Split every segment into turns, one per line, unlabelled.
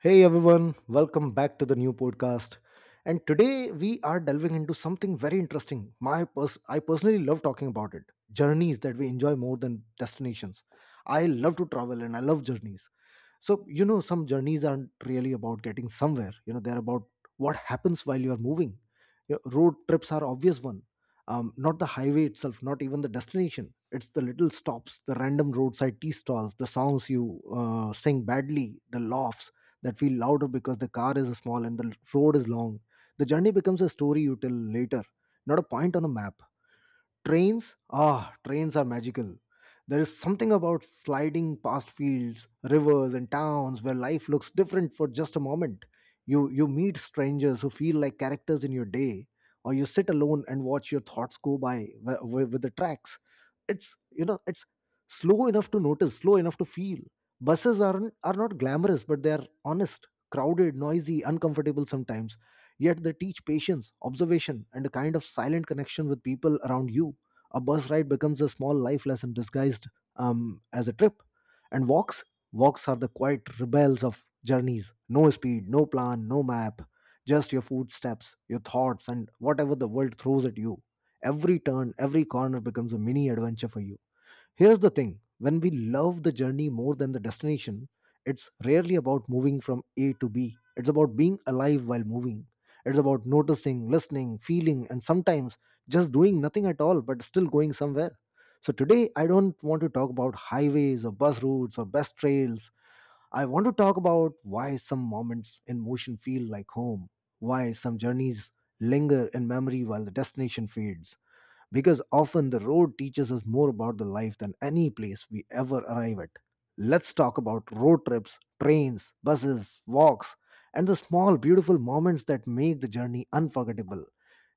Hey everyone, welcome back to the new podcast. And today we are delving into something very interesting. I personally love talking about it. Journeys that we enjoy more than destinations. I love to travel and I love journeys, so you know, some journeys aren't really about getting somewhere, you know, they're about what happens while you're moving. Your road trips are obvious one. Not the highway itself, not even the destination, it's the little stops, the random roadside tea stalls, the songs you sing badly, the laughs that feel louder because the car is small and the road is long. The journey becomes a story you tell later, not a point on a map. Trains? Ah, trains are magical. There is something about sliding past fields, rivers, and towns where life looks different for just a moment. You meet strangers who feel like characters in your day, or you sit alone and watch your thoughts go by with the tracks. It's, you know, it's slow enough to notice, slow enough to feel. Buses are not glamorous, but they are honest, crowded, noisy, uncomfortable sometimes. Yet they teach patience, observation, and a kind of silent connection with people around you. A bus ride becomes a small life lesson disguised as a trip. And walks, walks are the quiet rebels of journeys. No speed, no plan, no map, just your footsteps, your thoughts, and whatever the world throws at you. Every turn, every corner becomes a mini adventure for you. Here's the thing: when we love the journey more than the destination, it's rarely about moving from A to B. It's about being alive while moving. It's about noticing, listening, feeling, and sometimes just doing nothing at all but still going somewhere. So today, I don't want to talk about highways or bus routes or best trails. I want to talk about why some moments in motion feel like home, why some journeys linger in memory while the destination fades, because often the road teaches us more about the life than any place we ever arrive at. Let's talk about road trips, trains, buses, walks, and the small, beautiful moments that make the journey unforgettable.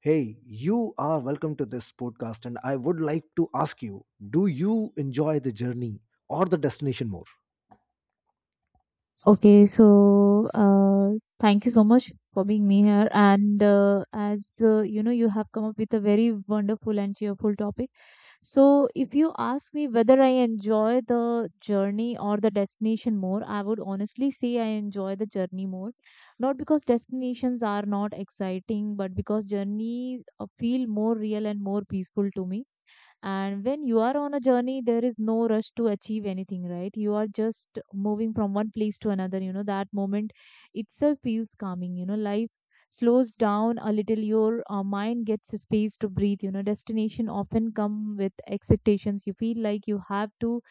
Hey, you are welcome to this podcast, and I would like to ask you, do you enjoy the journey or the destination more?
Okay, so thank you so much for being me here. And as you know, you have come up with a very wonderful and cheerful topic. So, if you ask me whether I enjoy the journey or the destination more, I would honestly say I enjoy the journey more. Not because destinations are not exciting, but because journeys feel more real and more peaceful to me, and when you are on a journey, there is no rush to achieve anything, right? You are just moving from one place to another. You know, that moment itself feels calming. You know, life slows down a little. Your mind gets a space to breathe. You know, destination often come with expectations. You feel like you have to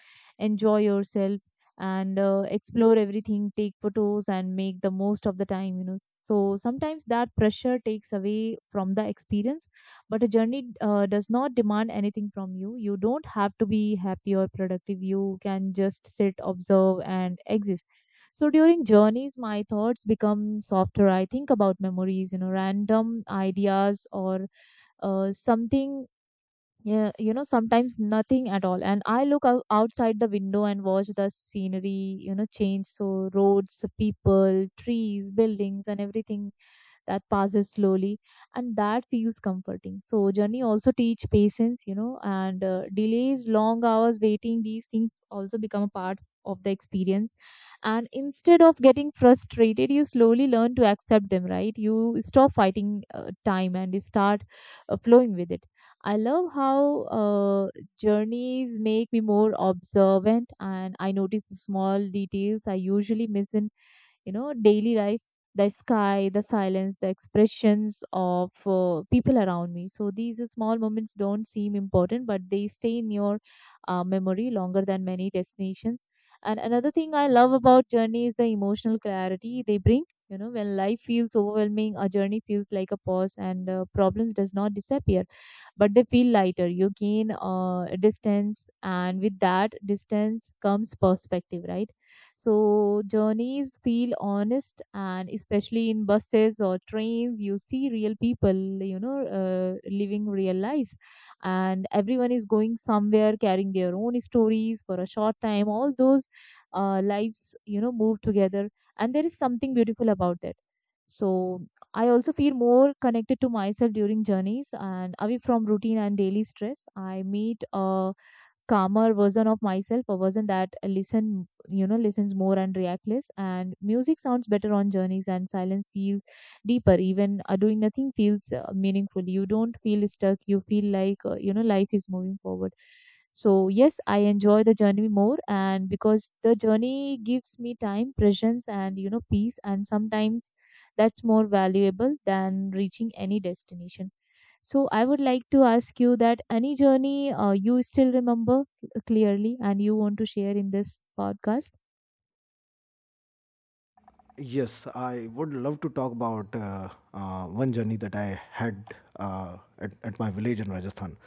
enjoy yourself and explore everything, take photos, and make the most of the time. You know, so sometimes that pressure takes away from the experience, but a journey does not demand anything from you. You don't have to be happy or productive. You can just sit, observe, and exist. So during journeys my thoughts become softer. I think about memories, you know, random ideas, or something, yeah, you know, sometimes nothing at all. And I look outside the window and watch the scenery, you know, change. So roads, people, trees, buildings, and everything that passes slowly, and that feels comforting. So journey also teach patience, you know, and delays, long hours waiting, these things also become a part of the experience. And instead of getting frustrated, you slowly learn to accept them, right? You stop fighting time, and you start flowing with it. I love how journeys make me more observant, and I notice small details I usually miss in, you know, daily life. The sky, the silence, the expressions of people around me. So these small moments don't seem important, but they stay in your memory longer than many destinations. And another thing I love about journey is the emotional clarity they bring. You know, when life feels overwhelming, a journey feels like a pause, and problems does not disappear, but they feel lighter. You gain distance, and with that distance comes perspective, right? So journeys feel honest, and especially in buses or trains, you see real people, you know, living real lives, and everyone is going somewhere carrying their own stories for a short time. All those lives, you know, move together, and there is something beautiful about that. So I also feel more connected to myself during journeys and away from routine and daily stress. I meet calmer version of myself, a version that listen, you know, listens more and react less. And music sounds better on journeys, and silence feels deeper. Even doing nothing feels meaningful. You don't feel stuck. You feel like you know, life is moving forward. So yes, I enjoy the journey more, and because the journey gives me time, presence, and, you know, peace, and sometimes that's more valuable than reaching any destination. So I would like to ask you that any journey you still remember clearly and you want to share in this podcast?
Yes, I would love to talk about one journey that I had at my village in Rajasthan.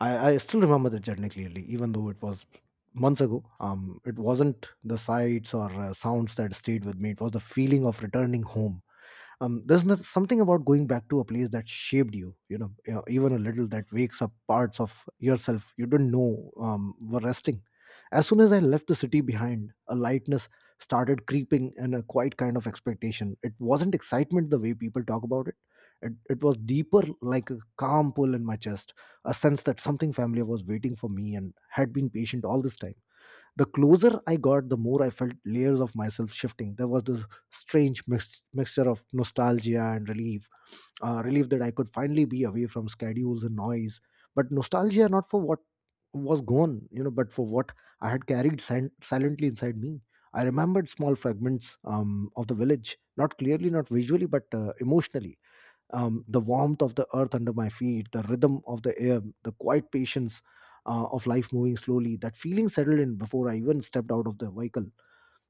I still remember the journey clearly, even though it was months ago. It wasn't the sights or sounds that stayed with me, it was the feeling of returning home. There's not something about going back to a place that shaped you, you know, even a little, that wakes up parts of yourself you didn't know were resting. As soon as I left the city behind, a lightness started creeping, and a quiet kind of expectation. It wasn't excitement the way people talk about it, it was deeper, like a calm pull in my chest, a sense that something familiar was waiting for me and had been patient all this time. The closer I got, the more I felt layers of myself shifting. There was this strange mixture of nostalgia and relief. Relief that I could finally be away from schedules and noise, but nostalgia not for what was gone, you know, but for what I had carried silently inside me. I remembered small fragments of the village, not clearly, not visually, but emotionally. The warmth of the earth under my feet, the rhythm of the air, the quiet patience of life moving slowly. That feeling settled in before I even stepped out of the vehicle.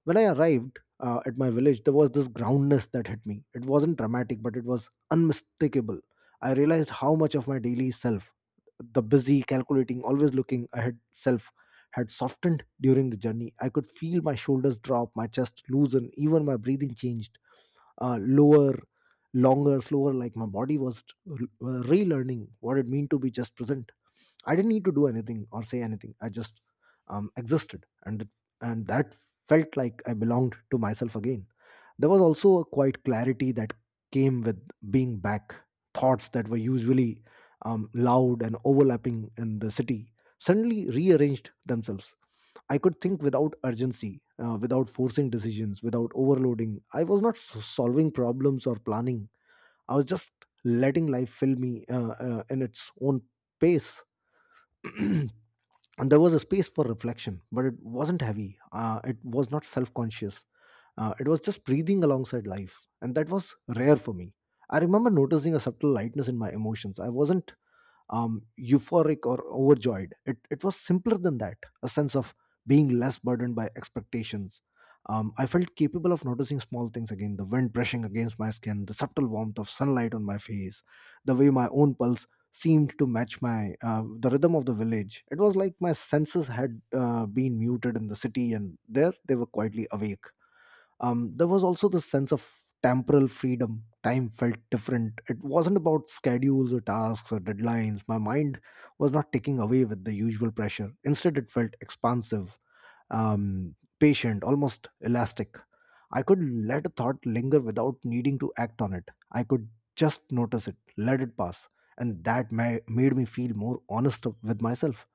When I arrived at my village, there was this groundness that hit me. It wasn't dramatic, but it was unmistakable. I realized how much of my daily self, the busy, calculating, always looking ahead self, had softened during the journey. I could feel my shoulders drop, my chest loosen, even my breathing changed, lower, longer, slower, like my body was relearning what it meant to be just present. I didn't need to do anything or say anything, I just existed, and that felt like I belonged to myself again. There was also a quiet clarity that came with being back. Thoughts that were usually loud and overlapping in the city suddenly rearranged themselves. I could think without urgency, without forcing decisions, without overloading. I was not solving problems or planning. I was just letting life fill me in its own pace. And there was a space for reflection, but it wasn't heavy. It was not self conscious. It was just breathing alongside life. And that was rare for me. I remember noticing a subtle lightness in my emotions. I wasn't euphoric or overjoyed. It was simpler than that, a sense of being less burdened by expectations. I felt capable of noticing small things again: the wind brushing against my skin, the subtle warmth of sunlight on my face, the way my own pulse seemed to match my the rhythm of the village. It was like my senses had been muted in the city, and there they were, quietly awake. There was also the sense of temporal freedom. Time felt different. It wasn't about schedules or tasks or deadlines. My mind was not taking away with the usual pressure. Instead, it felt expansive, patient, almost elastic. I could let a thought linger without needing to act on it. I could just notice it, let it pass, and that made me feel more honest with myself.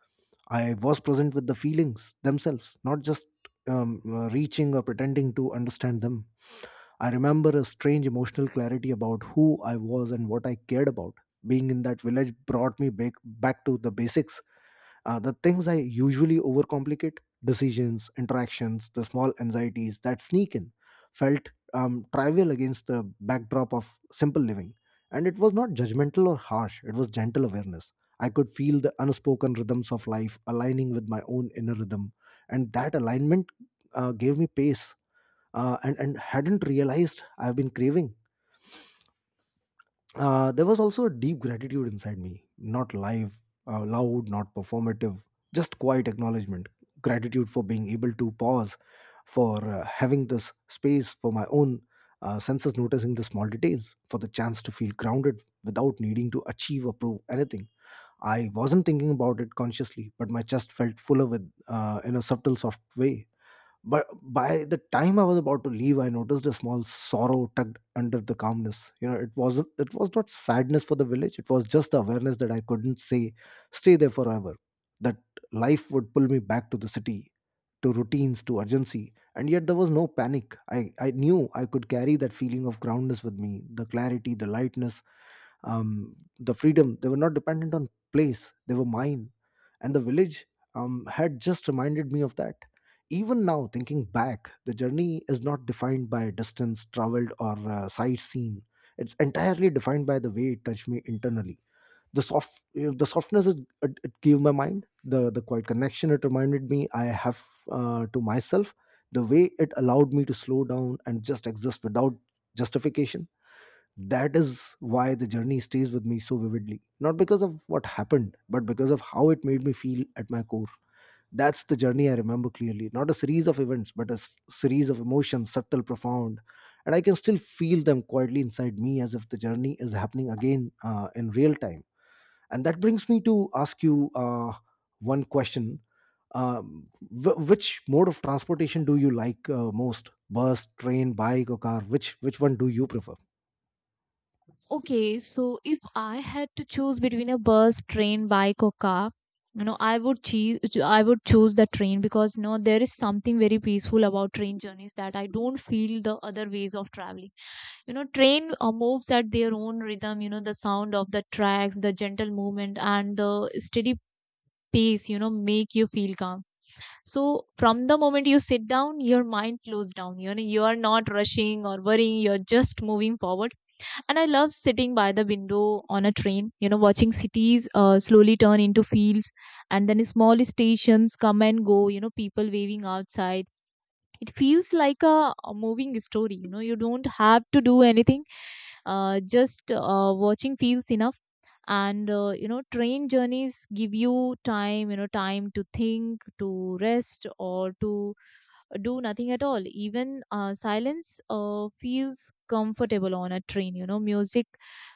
I was present with the feelings themselves, not just reaching or pretending to understand them. I remember a strange emotional clarity about who I was and what I cared about. Being in that village brought me back, back to the basics, the things I usually overcomplicate: decisions, interactions, the small anxieties that sneak in felt trivial against the backdrop of simple living. And it was not judgmental or harsh, it was gentle awareness. I could feel the unspoken rhythms of life aligning with my own inner rhythm, and that alignment gave me pace and hadn't realized I've been craving. There was also a deep gratitude inside me, not live, loud, not performative, just quiet acknowledgement. Gratitude for being able to pause, for having this space for my own senses noticing the small details, for the chance to feel grounded without needing to achieve or prove anything. I wasn't thinking about it consciously, but my chest felt fuller with, in a subtle, soft way. But by the time I was about to leave, I noticed a small sorrow tucked under the calmness. You know, it was not sadness for the village. It was just the awareness that I couldn't say stay there forever. That life would pull me back to the city, to routines, to urgency. And yet there was no panic. I knew I could carry that feeling of groundness with me, the clarity, the lightness, the freedom. They were not dependent on place, they were mine, and the village had just reminded me of that. Even now, thinking back, the journey is not defined by distance traveled or sightseeing. It's entirely defined by the way it touched me internally, the softness it gave my mind, the quiet connection it reminded me I have to myself, the way it allowed me to slow down and just exist without justification. That is why the journey stays with me so vividly, not because of what happened, but because of how it made me feel at my core. That's the journey I remember clearly, not a series of events but a series of emotions, subtle, profound, and I can still feel them quietly inside me, as if the journey is happening again in real time. And that brings me to ask you one question. Which mode of transportation do you like most? Bus, train, bike, or car? Which one do you prefer?
Okay, so if I had to choose between a bus, train, bike, or car, you know, I would choose the train, because no, there is something very peaceful about train journeys that I don't feel the other ways of traveling. You know, train moves at their own rhythm. You know, the sound of the tracks, the gentle movement, and the steady pace, you know, make you feel calm. So from the moment you sit down, your mind slows down. You know, you are not rushing or worrying. You're just moving forward. And I love sitting by the window on a train, you know, watching cities slowly turn into fields, and then small stations come and go. You know, people waving outside, it feels like a moving story. You know, you don't have to do anything, just watching feels enough. And you know, train journeys give you time, you know, time to think, to rest, or to do nothing at all. Even silence feels comfortable on a train. You know, music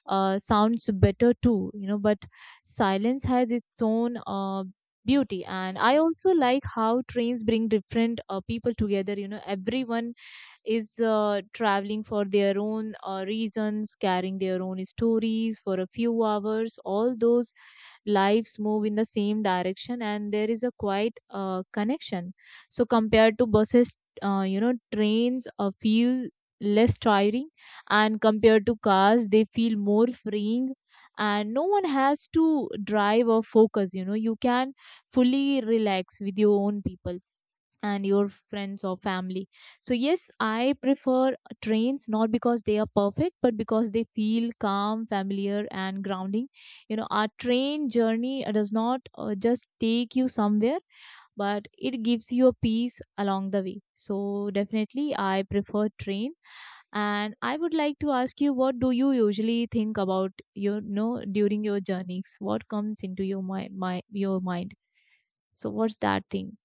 sounds better too, you know, but silence has its own beauty. And I also like how trains bring different people together. You know, everyone is traveling for their own reasons, carrying their own stories for a few hours. All those lives move in the same direction, and there is a quite connection. So compared to buses, you know, trains feel less tiring, and compared to cars they feel more freeing. And no one has to drive or focus. You know, you can fully relax with your own people and your friends or family. So, yes, I prefer trains, not because they are perfect, but because they feel calm, familiar, and grounding. You know, our train journey does not just take you somewhere, but it gives you a peace along the way. So, definitely, I prefer train. And I would like to ask you, what do you usually think about, you know, during your journeys? What comes into your my, my your mind? So, what's that thing?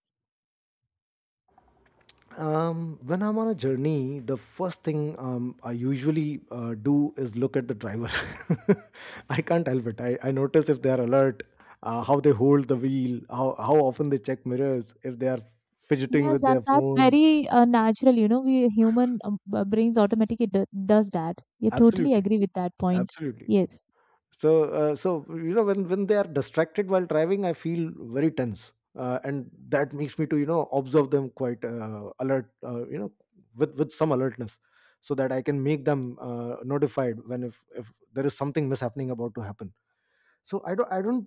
When I'm on a journey, the first thing I usually do is look at the driver. I can't help it. I notice if they are alert, how they hold the wheel, how often they check mirrors, if they are fidgeting
Yes,
with
and
their
that's
phone.
very natural. You know, we human brains automatically d does that. You totally
Absolutely.
agree with that point.
Absolutely.
Yes.
So you know when they are distracted while driving, I feel very tense, and that makes me to observe them quite alert, with some alertness, so that I can make them notified when, if there is something mishappening about to happen. So I don't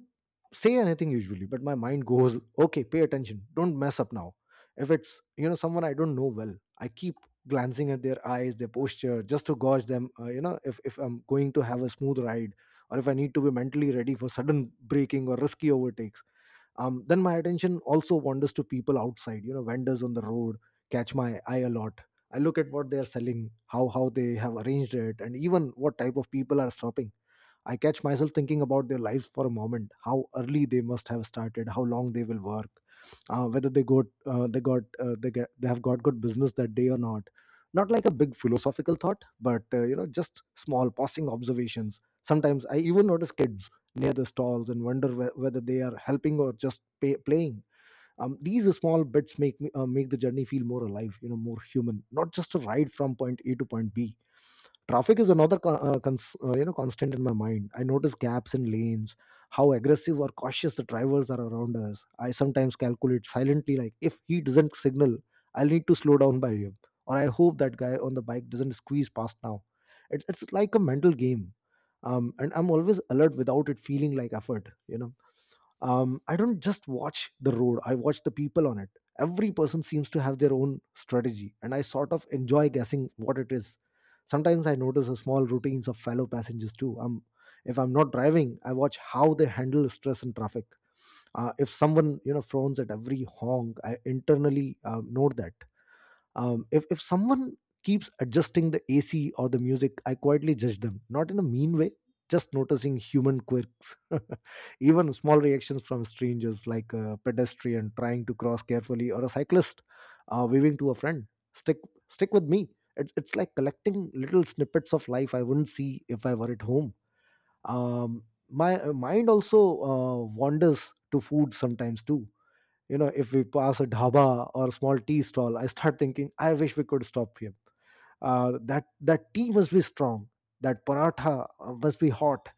say anything usually, but my mind goes, okay, pay attention, don't mess up now. If it's, you know, someone I don't know well, I keep glancing at their eyes, their posture, just to gauge them, if I'm going to have a smooth ride or if I need to be mentally ready for sudden braking or risky overtakes. Then my attention also wanders to people outside, you know, vendors on the road catch my eye a lot. I look at what they are selling, how they have arranged it, and even what type of people are stopping. I catch myself thinking about their lives for a moment, how early they must have started, how long they will work, whether they got they got they get they have got good business that day or not. Not like a big philosophical thought, but just small passing observations. Sometimes I even notice kids near the stalls and wonder whether they are helping or just playing. These small bits make me make the journey feel more alive, you know, more human, not just a ride from point A to point B. Traffic is another constant in my mind. I notice gaps in lanes, how aggressive or cautious the drivers are around us. I sometimes calculate silently, like, if he doesn't signal, I'll need to slow down by him, or I hope that guy on the bike doesn't squeeze past now. It's like a mental game. And I'm always alert without it feeling like effort, you know. I don't just watch the road, I watch the people on it. Every person seems to have their own strategy, and I sort of enjoy guessing what it is. Sometimes I notice the small routines of fellow passengers too. If I'm not driving, I watch how they handle stress and traffic. If someone, you know, frowns at every honk, I internally note that. If someone keeps adjusting the AC or the music, I quietly judge them, not in a mean way, just noticing human quirks. Even small reactions from strangers, like a pedestrian trying to cross carefully or a cyclist waving to a friend, stick stick with me. It's like collecting little snippets of life I wouldn't see if I were at home. um, my mind also wanders to food sometimes too. You know, if we pass a dhaba or a small tea stall, I start thinking, I wish we could stop here. That tea must be strong, that paratha must be hot.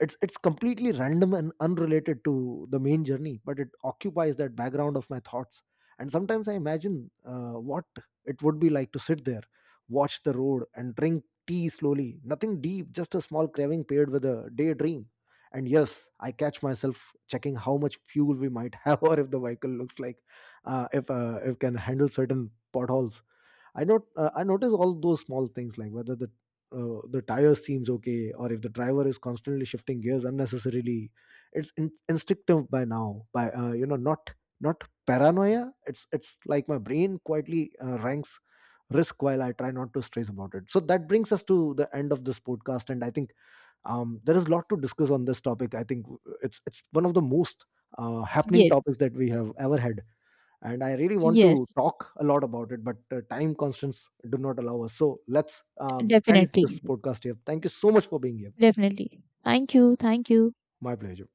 It's completely random and unrelated to the main journey, but it occupies that background of my thoughts. And sometimes I imagine what it would be like to sit there, watch the road and drink tea slowly. Nothing deep, just a small craving paired with a daydream. And yes, I catch myself checking how much fuel we might have or if the vehicle looks like, if can handle certain potholes. I not I notice all those small things, like whether the tire seems okay or if the driver is constantly shifting gears unnecessarily. It's instinctive by now. By not paranoia. It's like my brain quietly ranks risk while I try not to stress about it. So that brings us to the end of this podcast, and I think there is a lot to discuss on this topic. I think it's one of the most happening
Yes,
topics that we have ever had, and I really want to
yes,
talk a lot about it, but time constraints do not allow us. So let's end this
definitely,
podcast here. Thank you so much for being here.
definitely. Thank you, thank you.
My pleasure.